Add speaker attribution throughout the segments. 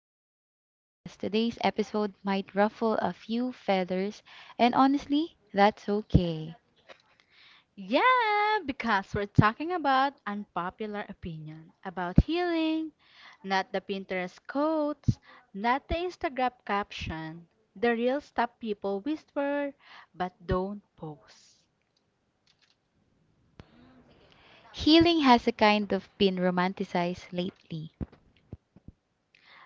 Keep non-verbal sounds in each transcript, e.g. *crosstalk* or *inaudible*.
Speaker 1: back to the podcast. Today's episode might ruffle a few feathers, and honestly, that's okay.
Speaker 2: Yeah, because we're talking about unpopular opinion about healing, not the Pinterest quotes, not the Instagram caption, the real stuff people whisper but don't post.
Speaker 1: Healing has a kind of been romanticized lately.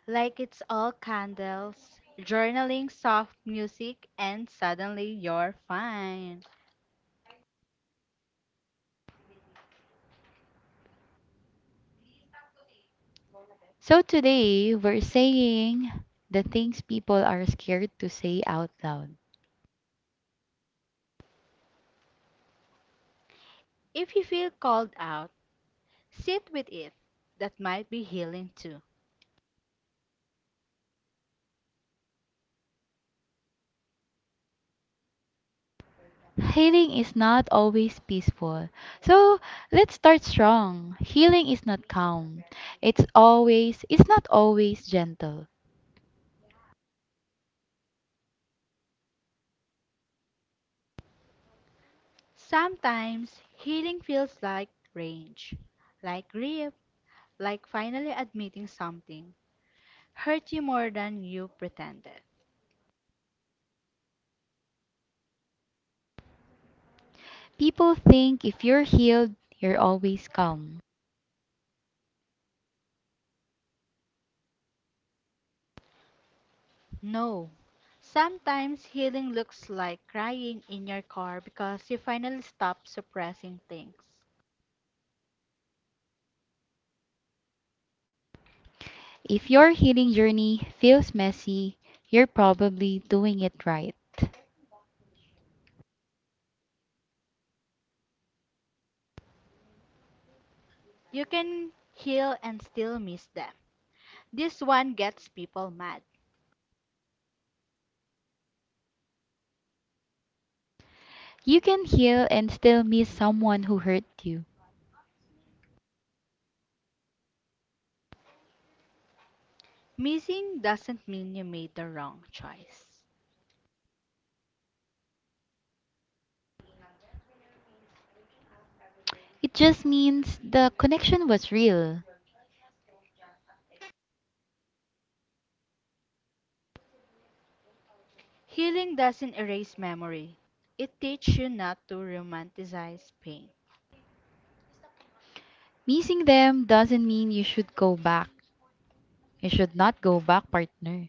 Speaker 2: Like it's all candles, journaling, soft music, and suddenly you're fine.
Speaker 1: So today, we're saying the things people are scared to say out loud.
Speaker 2: If you feel called out, sit with it. That might be healing too.
Speaker 1: Healing is not always peaceful. So let's start strong. Healing is not calm. It's not always gentle.
Speaker 2: Sometimes healing feels like range, like grief like finally admitting something hurt you more than you pretended.
Speaker 1: People think if you're healed, you're always calm.
Speaker 2: No. Sometimes healing looks like crying in your car because you finally stop suppressing things.
Speaker 1: If your healing journey feels messy, you're probably doing it right.
Speaker 2: You can heal and still miss them. This one gets people mad.
Speaker 1: You can heal and still miss someone who hurt you.
Speaker 2: Missing doesn't mean you made the wrong choice.
Speaker 1: It just means the connection was real.
Speaker 2: Healing doesn't erase memory. It teaches you not to romanticize pain,
Speaker 1: Missing them doesn't mean you should go back. You should not go back, partner.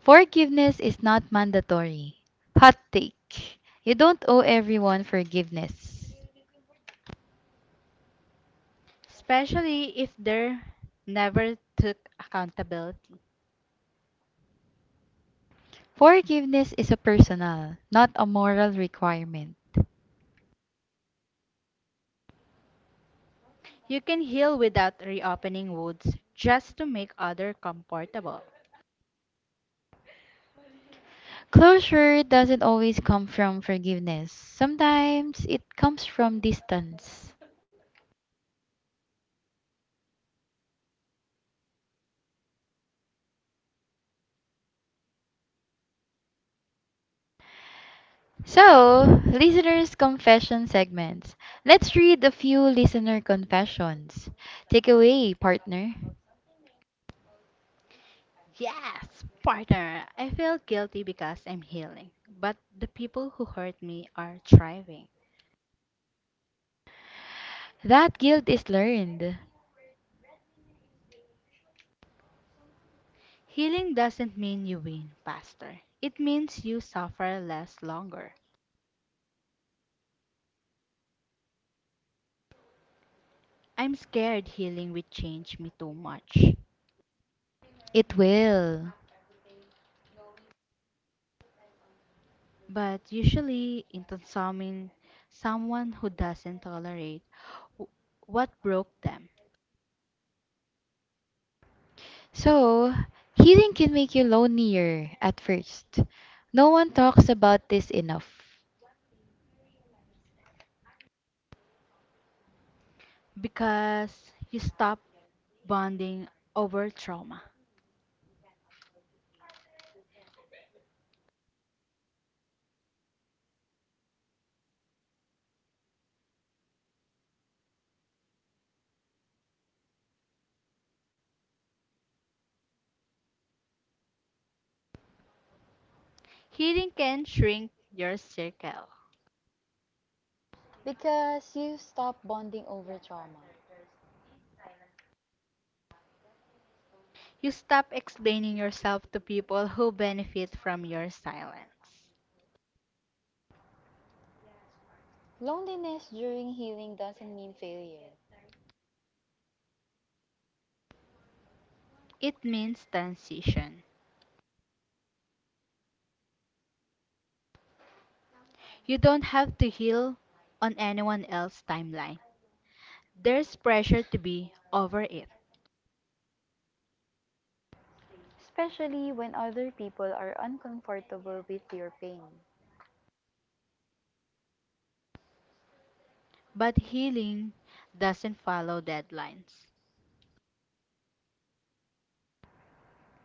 Speaker 1: Forgiveness is not mandatory. Hot take. You don't owe everyone forgiveness.
Speaker 2: especially if they never took accountability.
Speaker 1: Forgiveness is a personal, not a moral requirement.
Speaker 2: You can heal without reopening wounds just to make other comfortable.
Speaker 1: Closure doesn't always come from forgiveness. Sometimes it comes from distance. So, listeners' confession segments. Let's read a few listener confessions. Take away, partner.
Speaker 2: Yes, partner. I feel guilty because I'm healing, but the people who hurt me are thriving.
Speaker 1: That guilt is learned.
Speaker 2: Healing doesn't mean you win faster. It means you suffer less longer. I'm scared healing will change me too much.
Speaker 1: It will.
Speaker 2: But usually, in consuming someone who doesn't tolerate w- what broke them,
Speaker 1: So, healing can make you lonelier at first. No one talks about this enough.
Speaker 2: because you stop bonding over trauma. Healing can shrink your circle.
Speaker 1: Because you stop bonding over trauma.
Speaker 2: You stop explaining yourself to people who benefit from your silence.
Speaker 1: Loneliness during healing doesn't mean failure,
Speaker 2: It means transition. You don't have to heal on anyone else's timeline. There's pressure to be over it,
Speaker 1: especially when other people are uncomfortable with your pain.
Speaker 2: but healing doesn't follow deadlines.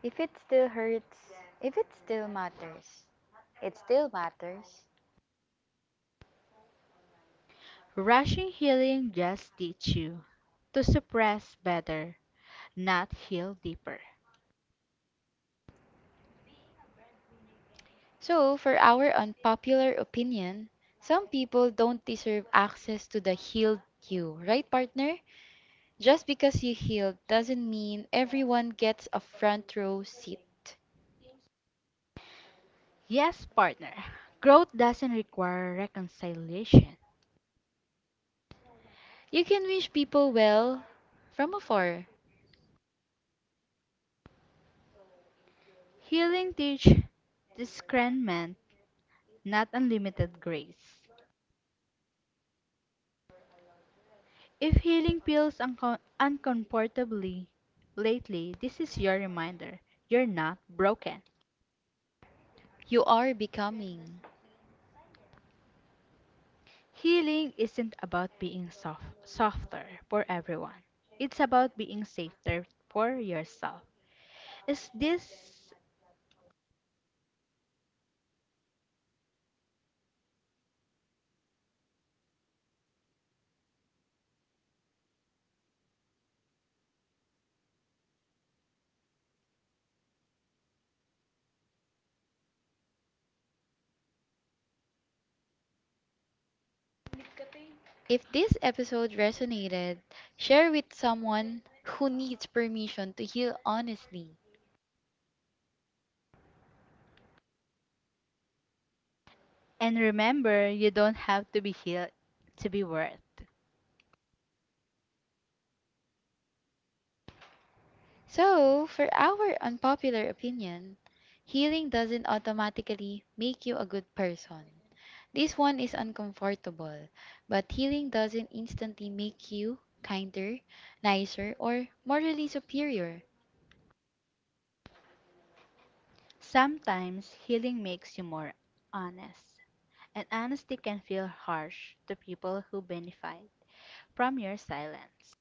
Speaker 1: If it still hurts, if it still matters, it still matters.
Speaker 2: Rushing healing just teach you to suppress better, not heal deeper.
Speaker 1: So, for our unpopular opinion, some people don't deserve access to the healed you, right, partner? Just because you healed doesn't mean everyone gets a front row seat.
Speaker 2: Yes, partner. Growth doesn't require reconciliation.
Speaker 1: You can wish people well from afar.
Speaker 2: Healing teach discernment, not unlimited grace. If healing feels uncomfortably lately, this is your reminder. You're not broken.
Speaker 1: You are becoming.
Speaker 2: Healing isn't about being soft, softer for everyone. It's about being safer for yourself. Is this
Speaker 1: If this episode resonated, share with someone who needs permission to heal honestly.
Speaker 2: and remember you don't have to be healed to be worth.
Speaker 1: So, for our unpopular opinion, healing doesn't automatically make you a good person. This one is uncomfortable, but healing doesn't instantly make you kinder, nicer, or morally superior.
Speaker 2: Sometimes healing makes you more honest, and honesty can feel harsh to people who benefit from your silence.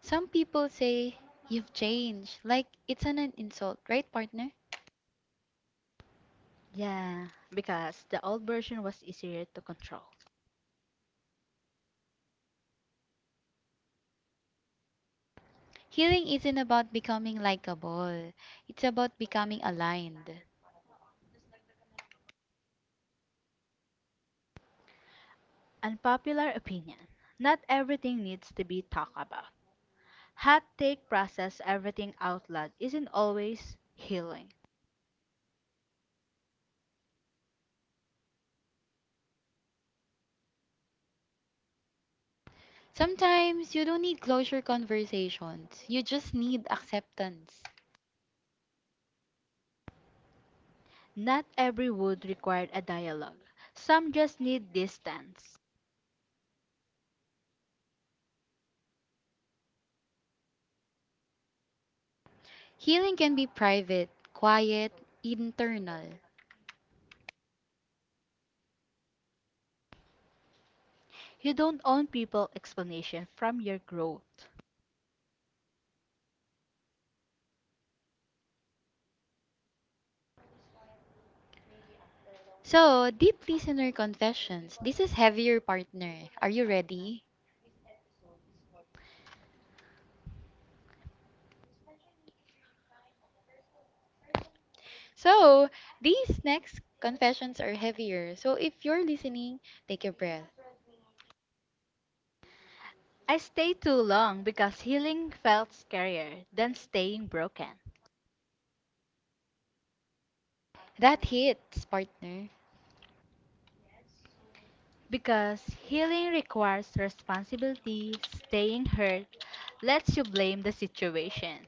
Speaker 1: Some people say you've changed, like it's an insult, right, partner?
Speaker 2: Yeah, because the old version was easier to control.
Speaker 1: Healing isn't about becoming likable, it's about becoming aligned.
Speaker 2: Unpopular opinion. Not everything needs to be talked about. Hot take process everything out loud isn't always healing.
Speaker 1: Sometimes you don't need closure conversations, you just need acceptance.
Speaker 2: Not every wound required a dialogue. Some just need distance.
Speaker 1: Healing can be private, quiet, internal.
Speaker 2: You don't own people explanation from your growth.
Speaker 1: So, deep listener confessions. This is heavier partner. Are you ready? So, these next confessions are heavier. So, if you're listening, take a breath.
Speaker 2: I stayed too long because healing felt scarier than staying broken.
Speaker 1: That hits, partner.
Speaker 2: Because healing requires responsibility, staying hurt lets you blame the situation.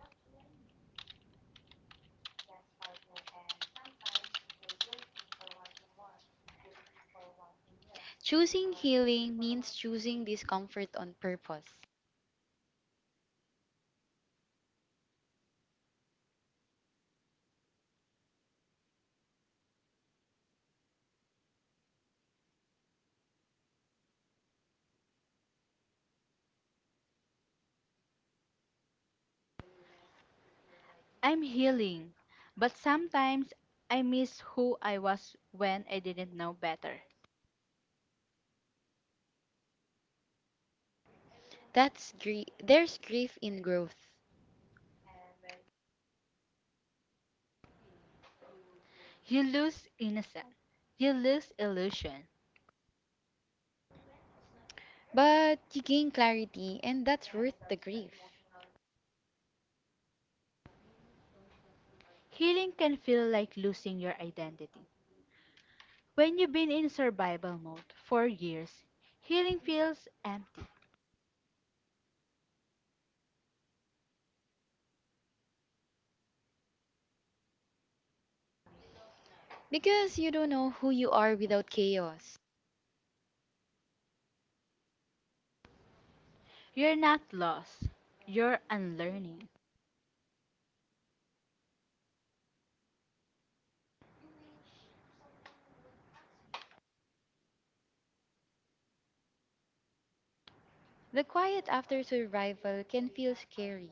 Speaker 1: Choosing healing means choosing discomfort on purpose.
Speaker 2: I'm healing, but sometimes I miss who I was when I didn't know better.
Speaker 1: That's grief. There's grief in growth,
Speaker 2: You lose innocence, you lose illusion.
Speaker 1: but you gain clarity, and that's worth the grief.
Speaker 2: Healing can feel like losing your identity. When you've been in survival mode for years, healing feels empty.
Speaker 1: Because you don't know who you are without chaos.
Speaker 2: You're not lost, you're unlearning.
Speaker 1: The quiet after survival can feel scary.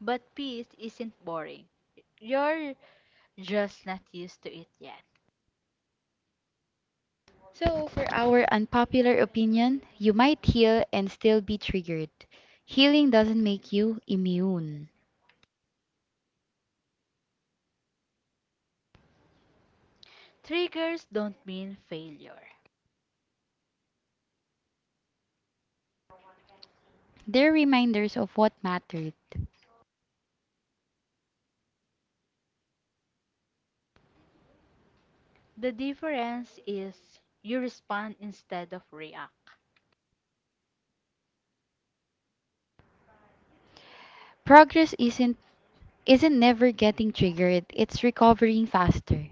Speaker 2: But peace isn't boring. You're just not used to it yet.
Speaker 1: So, for our unpopular opinion, you might heal and still be triggered. Healing doesn't make you immune.
Speaker 2: Triggers don't mean failure.
Speaker 1: They're reminders of what mattered.
Speaker 2: The difference is you respond instead of react.
Speaker 1: Progress isn't never getting triggered, it's recovering faster.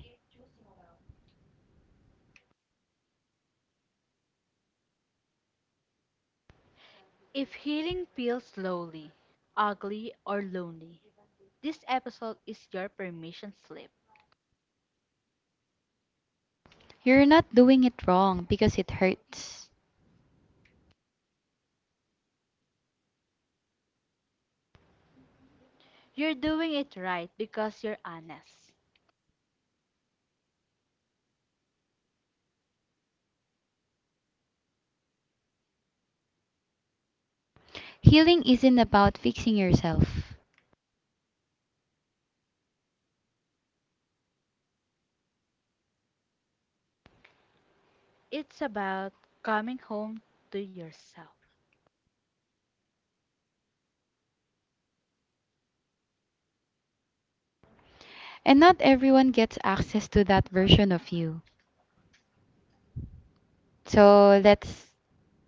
Speaker 2: If healing feels slowly, ugly, or lonely, this episode is your permission slip.
Speaker 1: You're not doing it wrong because it hurts.
Speaker 2: You're doing it right because you're honest.
Speaker 1: Healing isn't about fixing yourself.
Speaker 2: It's about coming home to yourself.
Speaker 1: And not everyone gets access to that version of you. So let's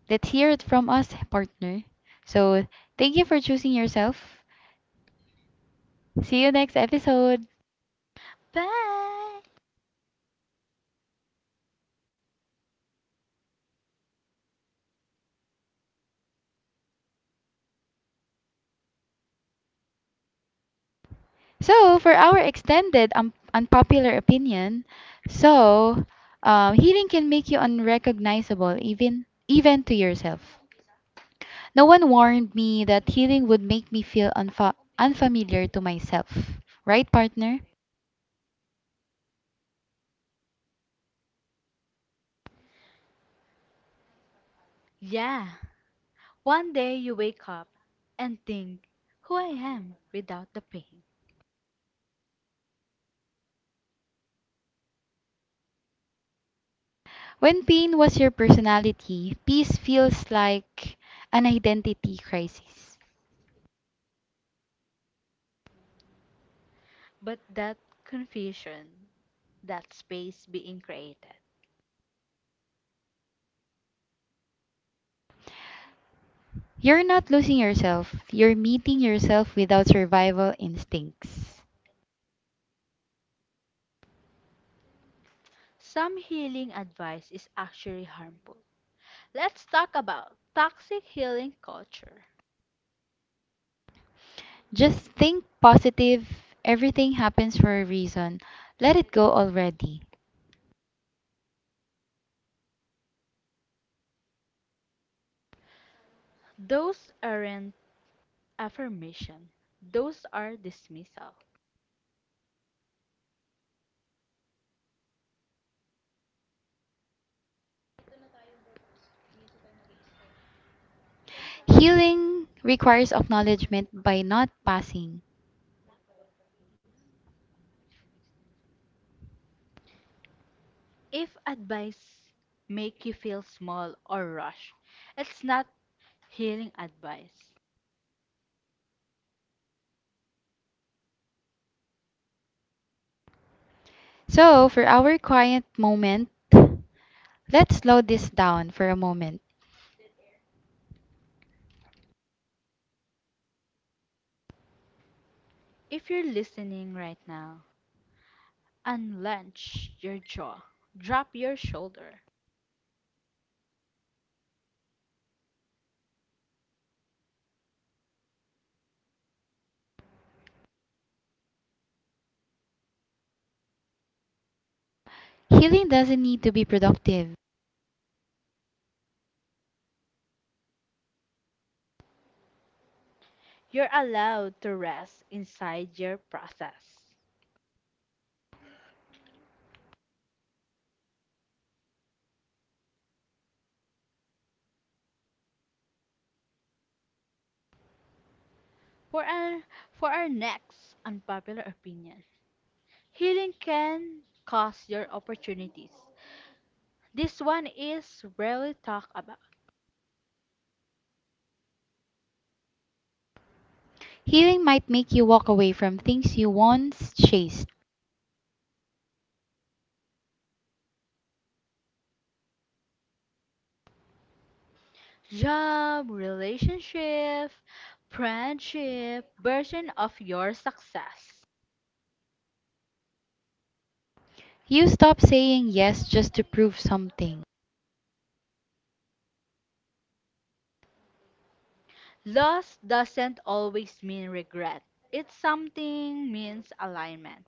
Speaker 1: let's hear it from us, partner. So thank you for choosing yourself. See you next episode.
Speaker 2: Bye!
Speaker 1: So for our extended unpopular opinion, so healing can make you unrecognizable even to yourself. No one warned me that healing would make me feel unfamiliar to myself. Right, partner?
Speaker 2: Yeah. One day you wake up and think who I am without the pain.
Speaker 1: When pain was your personality, peace feels like an identity crisis.
Speaker 2: But that confusion, that space being created.
Speaker 1: You're not losing yourself, you're meeting yourself without survival instincts.
Speaker 2: Some healing advice is actually harmful. Let's talk about toxic healing culture.
Speaker 1: Just think positive, everything happens for a reason. Let it go already.
Speaker 2: Those aren't affirmation, those are dismissal.
Speaker 1: Healing requires acknowledgement by not passing.
Speaker 2: If advice make you feel small or rushed, it's not healing advice.
Speaker 1: So, for our quiet moment, let's slow this down for a moment.
Speaker 2: If you're listening right now Unlench your jaw, drop your shoulder.
Speaker 1: Healing doesn't need to be productive.
Speaker 2: You're allowed to rest inside your process. For our, for our next unpopular opinion, healing can cost your opportunities. This one is rarely talked about.
Speaker 1: Healing might make you walk away from things you once chased.
Speaker 2: Job, relationship, friendship, version of your success.
Speaker 1: You stop saying yes just to prove something.
Speaker 2: Loss doesn't always mean regret. It something means alignment.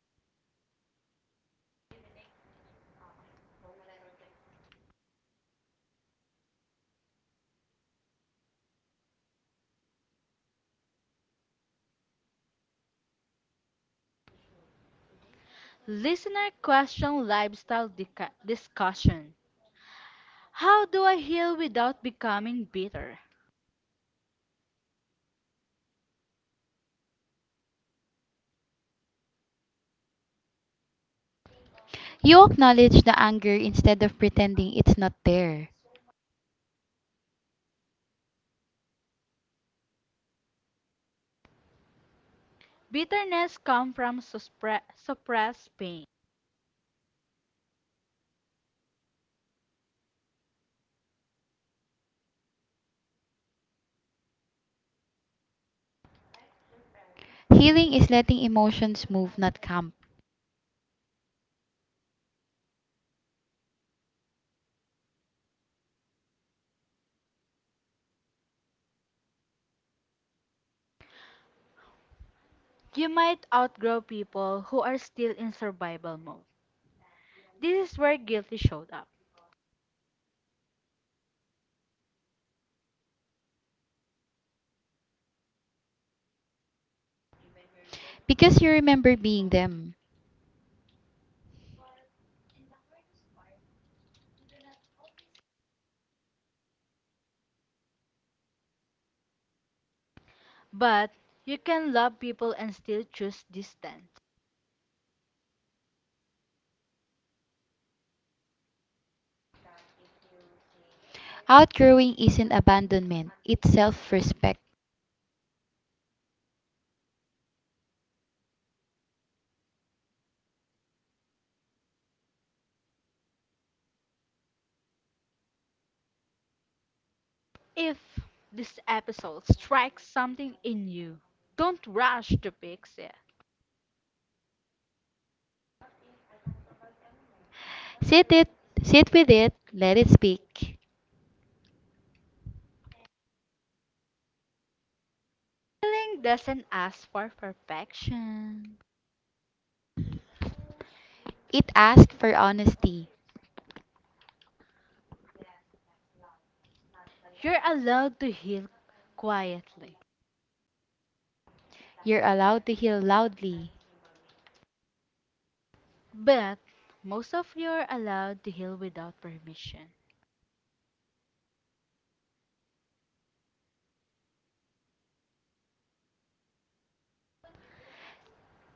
Speaker 2: Listener question lifestyle discussion. How do I heal without becoming bitter?
Speaker 1: You acknowledge the anger instead of pretending it's not there.
Speaker 2: Bitterness comes from suppressed pain.
Speaker 1: Healing is letting emotions move, not camp,
Speaker 2: You might outgrow people who are still in survival mode. This is where guilty showed up.
Speaker 1: because you remember being them.
Speaker 2: But you can love people and still choose distance.
Speaker 1: Outgrowing isn't abandonment, it's self respect.
Speaker 2: If this episode strikes something in you, don't rush to fix it.
Speaker 1: Sit it, sit with it, let it speak.
Speaker 2: Healing doesn't ask for perfection.
Speaker 1: It asks for honesty.
Speaker 2: You're allowed to heal quietly,
Speaker 1: You're allowed to heal loudly.
Speaker 2: but most of you are allowed to heal without permission.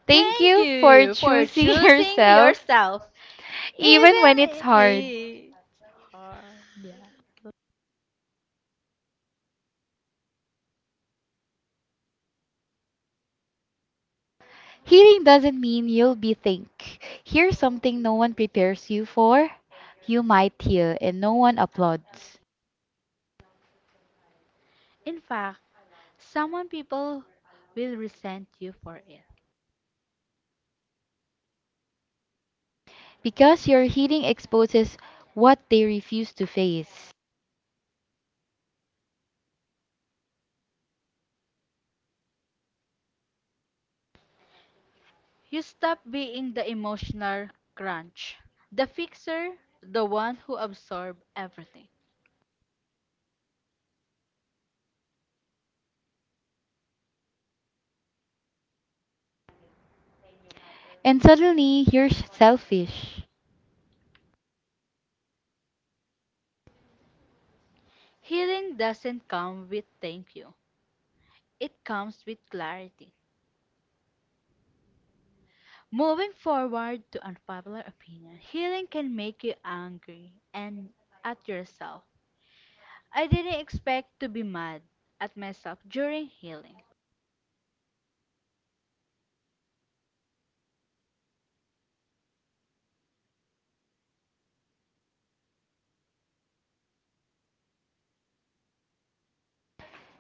Speaker 1: Thank
Speaker 2: Thank
Speaker 1: you for
Speaker 2: you for
Speaker 1: choosing *laughs*
Speaker 2: choosing
Speaker 1: yourself,
Speaker 2: yourself,
Speaker 1: even when it's
Speaker 2: even
Speaker 1: hard.
Speaker 2: it's hard. Yeah.
Speaker 1: Healing doesn't mean you'll be think. Here's something no one prepares you for. You might heal and no one applauds.
Speaker 2: In fact, some people will resent you for it.
Speaker 1: Because your healing exposes what they refuse to face.
Speaker 2: You stop being the emotional crunch, the fixer, the one who absorbs everything.
Speaker 1: And suddenly you're selfish.
Speaker 2: Healing doesn't come with thank you. It comes with clarity. Moving forward to unpopular opinion, healing can make you angry and at yourself. I didn't expect to be mad at myself during healing.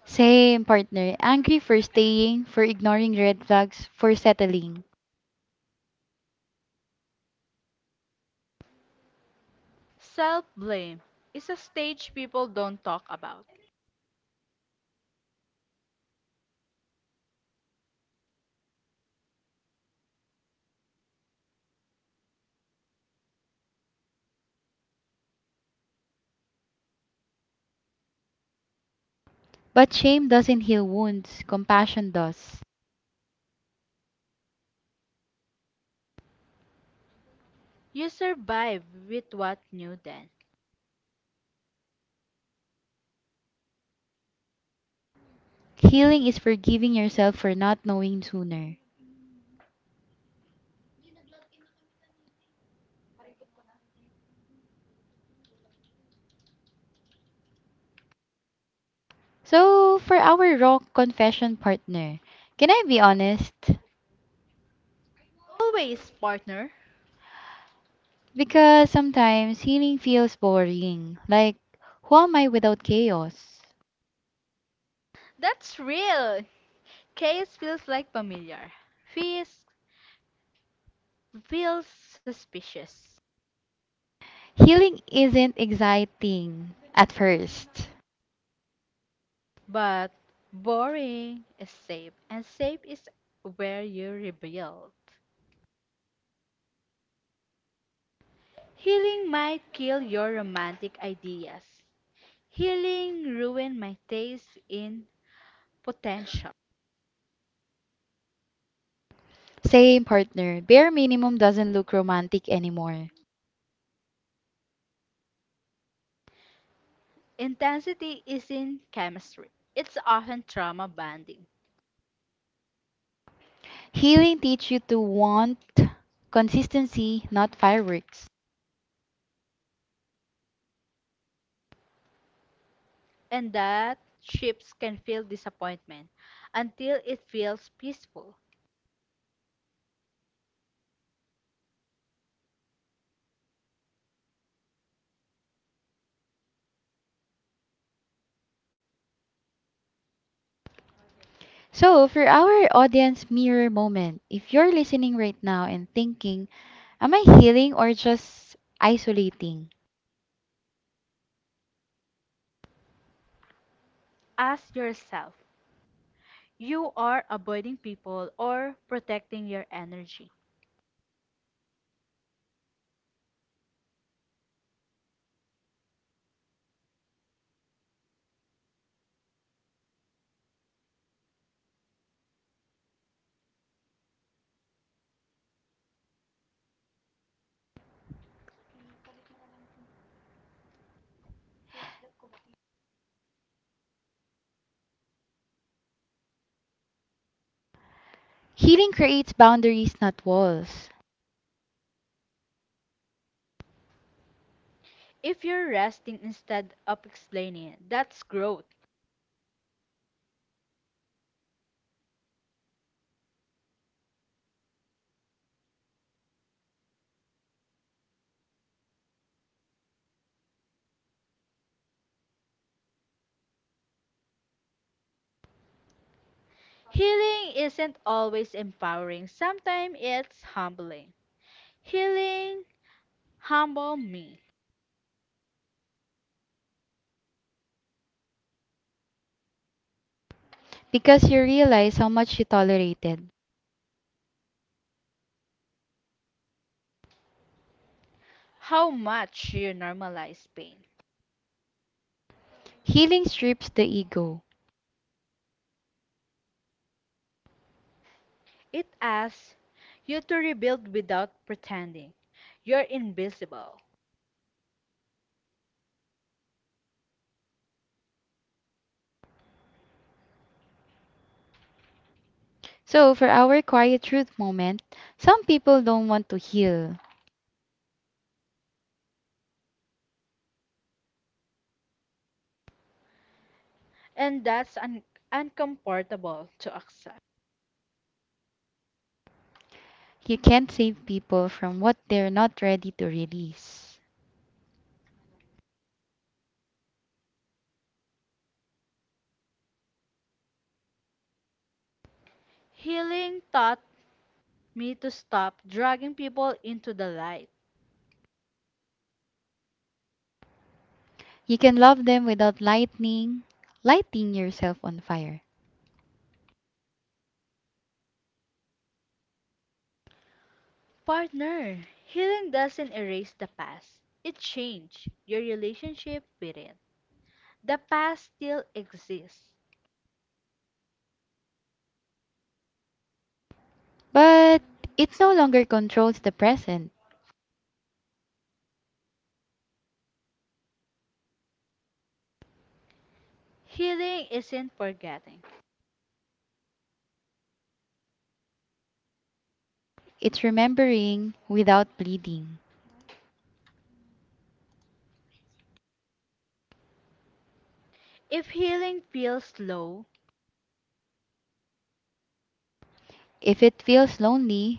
Speaker 1: Same partner, angry for staying, for ignoring red flags, for settling.
Speaker 2: Self blame is a stage people don't talk about.
Speaker 1: But shame doesn't heal wounds, compassion does.
Speaker 2: You survive with what knew then.
Speaker 1: Healing is forgiving yourself for not knowing sooner. So, for our raw confession partner, can I be honest?
Speaker 2: Always, partner.
Speaker 1: Because sometimes healing feels boring. Like, who am I without chaos?
Speaker 2: That's real. Case feels like familiar. Feels feels suspicious.
Speaker 1: Healing isn't exciting at first.
Speaker 2: But boring is safe, and safe is where you rebuild. Healing might kill your romantic ideas. Healing ruined my taste in potential.
Speaker 1: Same partner, bare minimum doesn't look romantic anymore.
Speaker 2: Intensity is in chemistry. It's often trauma bonding.
Speaker 1: Healing teach you to want consistency, not fireworks.
Speaker 2: And that ships can feel disappointment until it feels peaceful.
Speaker 1: So, for our audience mirror moment, if you're listening right now and thinking, am I healing or just isolating?
Speaker 2: Ask yourself, you are avoiding people or protecting your energy.
Speaker 1: Healing creates boundaries, not walls,
Speaker 2: If you're resting instead of explaining, that's growth. Healing isn't always empowering, sometimes it's humbling. Healing humble me
Speaker 1: because you realize how much you tolerated.
Speaker 2: how much you normalize pain.
Speaker 1: Healing strips the ego.
Speaker 2: It asks you to rebuild without pretending you're invisible,
Speaker 1: So, for our quiet truth moment, some people don't want to heal.
Speaker 2: and that's uncomfortable to accept.
Speaker 1: You can't save people from what they're not ready to release.
Speaker 2: Healing taught me to stop dragging people into the light.
Speaker 1: You can love them without lighting yourself on fire.
Speaker 2: Partner, healing doesn't erase the past, it changed your relationship with it. The past still exists.
Speaker 1: But it no longer controls the present.
Speaker 2: Healing isn't forgetting.
Speaker 1: It's remembering without bleeding.
Speaker 2: If healing feels low,
Speaker 1: If it feels lonely,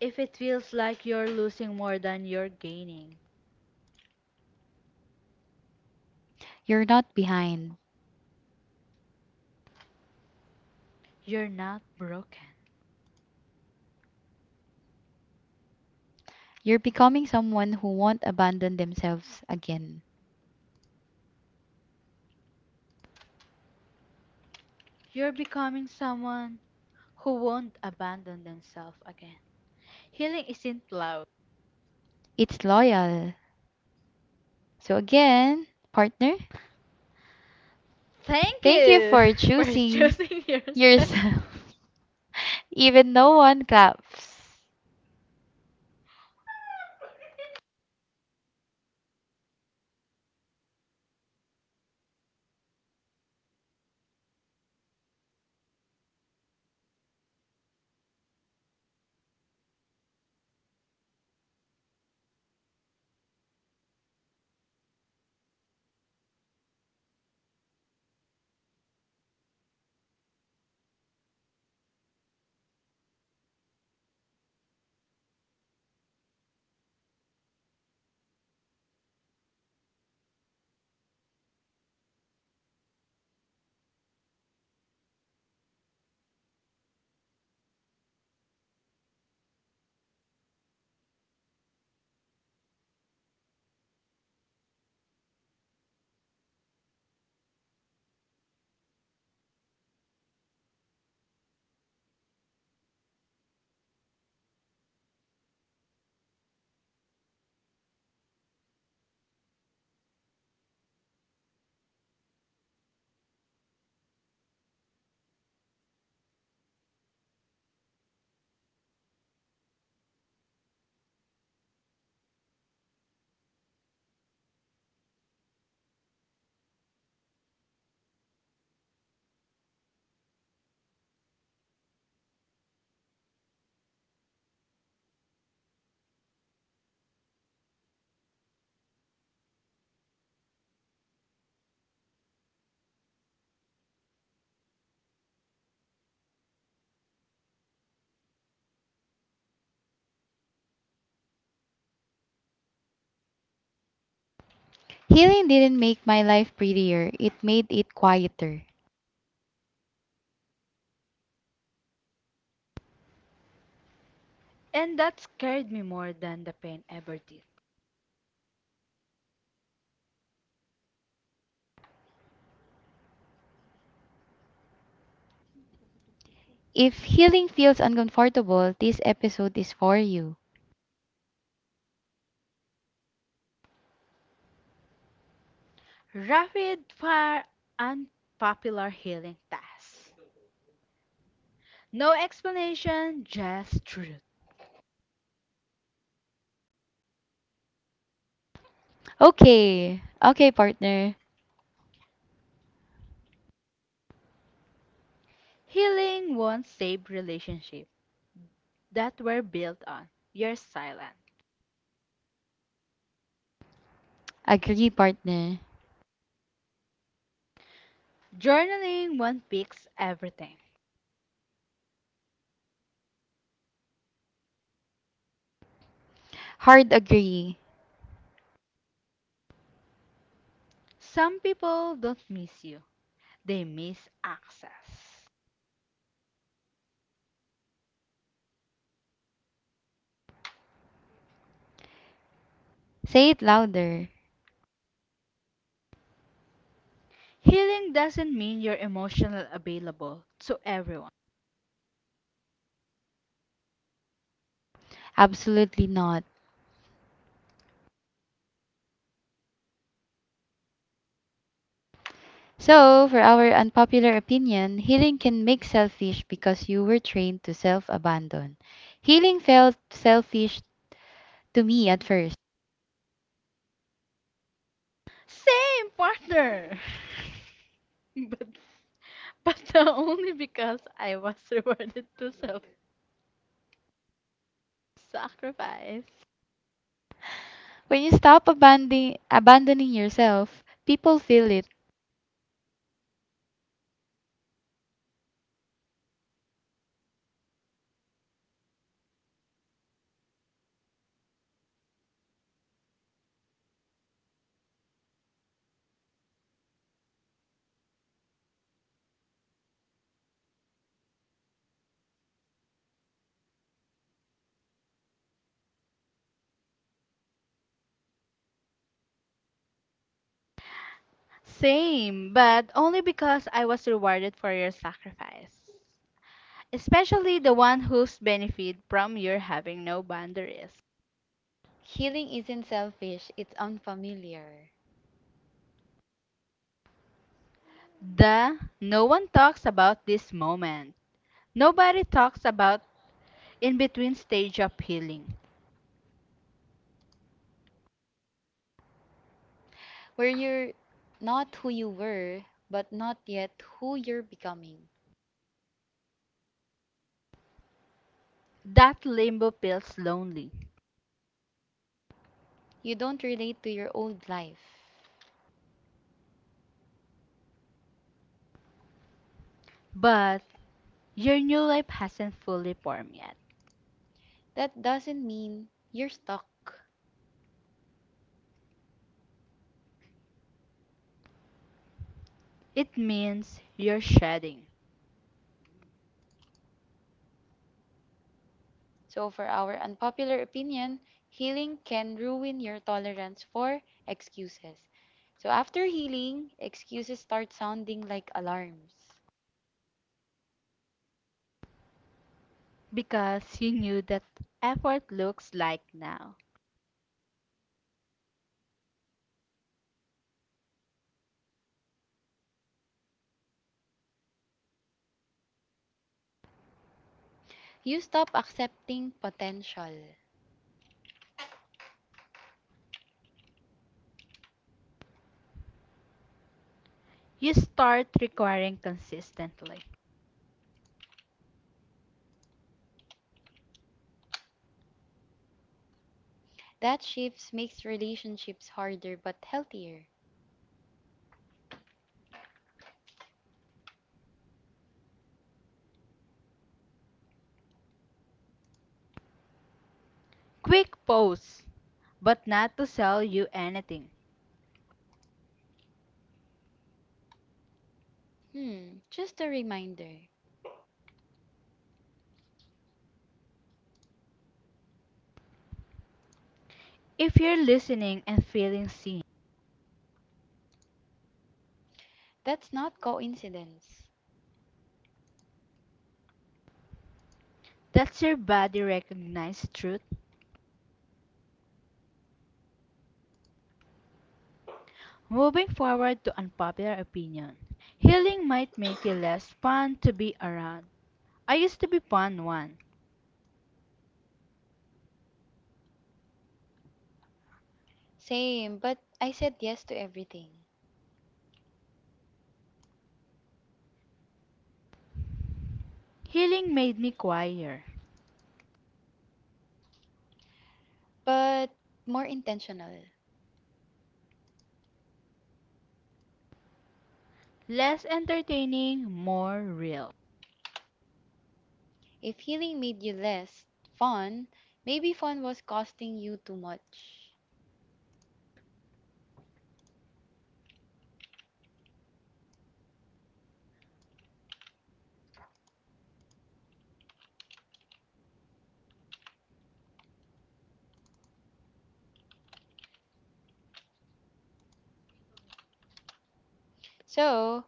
Speaker 2: if it feels like you're losing more than you're gaining,
Speaker 1: you're not behind.
Speaker 2: you're not broken.
Speaker 1: You're becoming someone who won't abandon themselves again.
Speaker 2: You're becoming someone who won't abandon themselves again. Healing isn't loud.
Speaker 1: It's loyal. So, again, partner,
Speaker 2: Thank
Speaker 1: thank you
Speaker 2: you
Speaker 1: for
Speaker 2: *laughs* for
Speaker 1: choosing
Speaker 2: choosing yourself.
Speaker 1: yourself. *laughs* Even no one claps. Healing didn't make my life prettier, it made it quieter.
Speaker 2: And that scared me more than the pain ever did.
Speaker 1: If healing feels uncomfortable, this episode is for you.
Speaker 2: Rapid fire unpopular healing tasks. No explanation, just truth.
Speaker 1: Okay. Okay, partner.
Speaker 2: Healing won't save relationships that were built on your silence.
Speaker 1: Agree, partner.
Speaker 2: Journaling won't fix everything.
Speaker 1: Hard agree.
Speaker 2: Some people don't miss you, they miss access.
Speaker 1: Say it louder.
Speaker 2: Healing doesn't mean you're emotionally available to everyone.
Speaker 1: Absolutely not. So, for our unpopular opinion, healing can make selfish because you were trained to self abandon. Healing felt selfish to me at first.
Speaker 2: Same, partner! *laughs* but, but only because I was *laughs* rewarded to self sacrifice.
Speaker 1: When you stop abandoning yourself, people feel it.
Speaker 2: Same, but only because I was rewarded for your sacrifice, especially the one who's benefit from your having no boundaries.
Speaker 1: Healing isn't selfish, it's unfamiliar.
Speaker 2: The no one talks about this moment. Nobody talks about in between stage of healing.
Speaker 1: Where you're not who you were, but not yet who you're becoming.
Speaker 2: That limbo feels lonely,
Speaker 1: You don't relate to your old life,
Speaker 2: but your new life hasn't fully formed yet.
Speaker 1: that doesn't mean you're stuck.
Speaker 2: It means you're shedding
Speaker 1: So, for our unpopular opinion, healing can ruin your tolerance for excuses. So, after healing, excuses start sounding like alarms.
Speaker 2: because you knew that effort looks like now.
Speaker 1: You stop accepting potential.
Speaker 2: You start requiring consistently.
Speaker 1: That shift makes relationships harder but healthier.
Speaker 2: Quick posts, but not to sell you anything
Speaker 1: Hmm, just a reminder.
Speaker 2: If you're listening and feeling seen,
Speaker 1: That's not coincidence.
Speaker 2: that's your body recognize truth. Moving forward to unpopular opinion. Healing might make you less fun to be around. I used to be fun one.
Speaker 1: Same, but I said yes to everything,
Speaker 2: Healing made me quieter,
Speaker 1: but more intentional.
Speaker 2: less entertaining, more real.
Speaker 1: If healing made you less fun, maybe fun was costing you too much. So,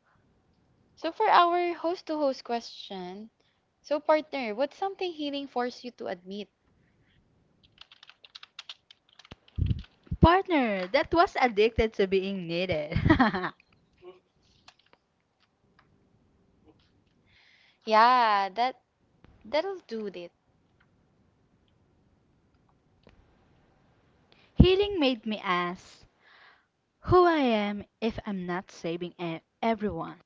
Speaker 1: for our host to host question, so partner, what's something healing forced you to admit?
Speaker 2: Partner that was addicted to being needed.
Speaker 1: Yeah, that'll do it.
Speaker 2: *laughs* Healing made me ask who I am if I'm not saving everyone.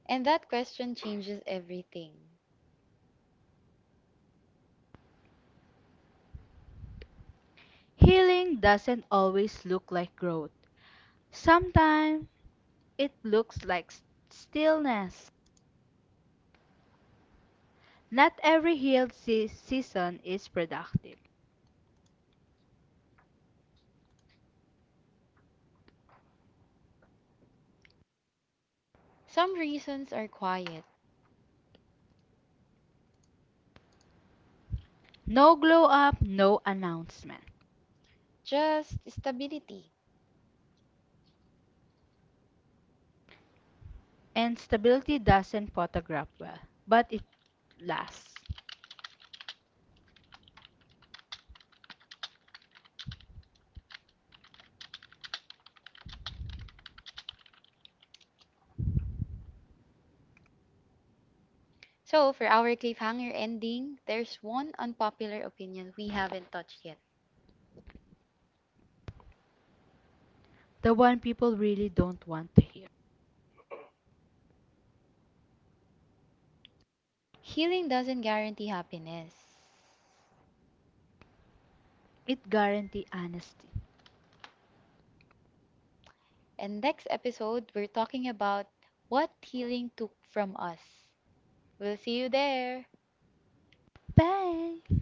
Speaker 1: And that question changes everything.
Speaker 2: Healing doesn't always look like growth. Sometimes it looks like stillness. Not every season is productive.
Speaker 1: Some reasons are quiet,
Speaker 2: No glow up, no announcement.
Speaker 1: just stability.
Speaker 2: And stability doesn't photograph well, but it lasts.
Speaker 1: So, for our cliffhanger ending, there's one unpopular opinion we haven't touched yet.
Speaker 2: The one people really don't want to hear.
Speaker 1: Healing doesn't guarantee happiness.
Speaker 2: It guarantees honesty.
Speaker 1: And next episode, we're talking about what healing took from us. We'll see you there.
Speaker 2: Bye!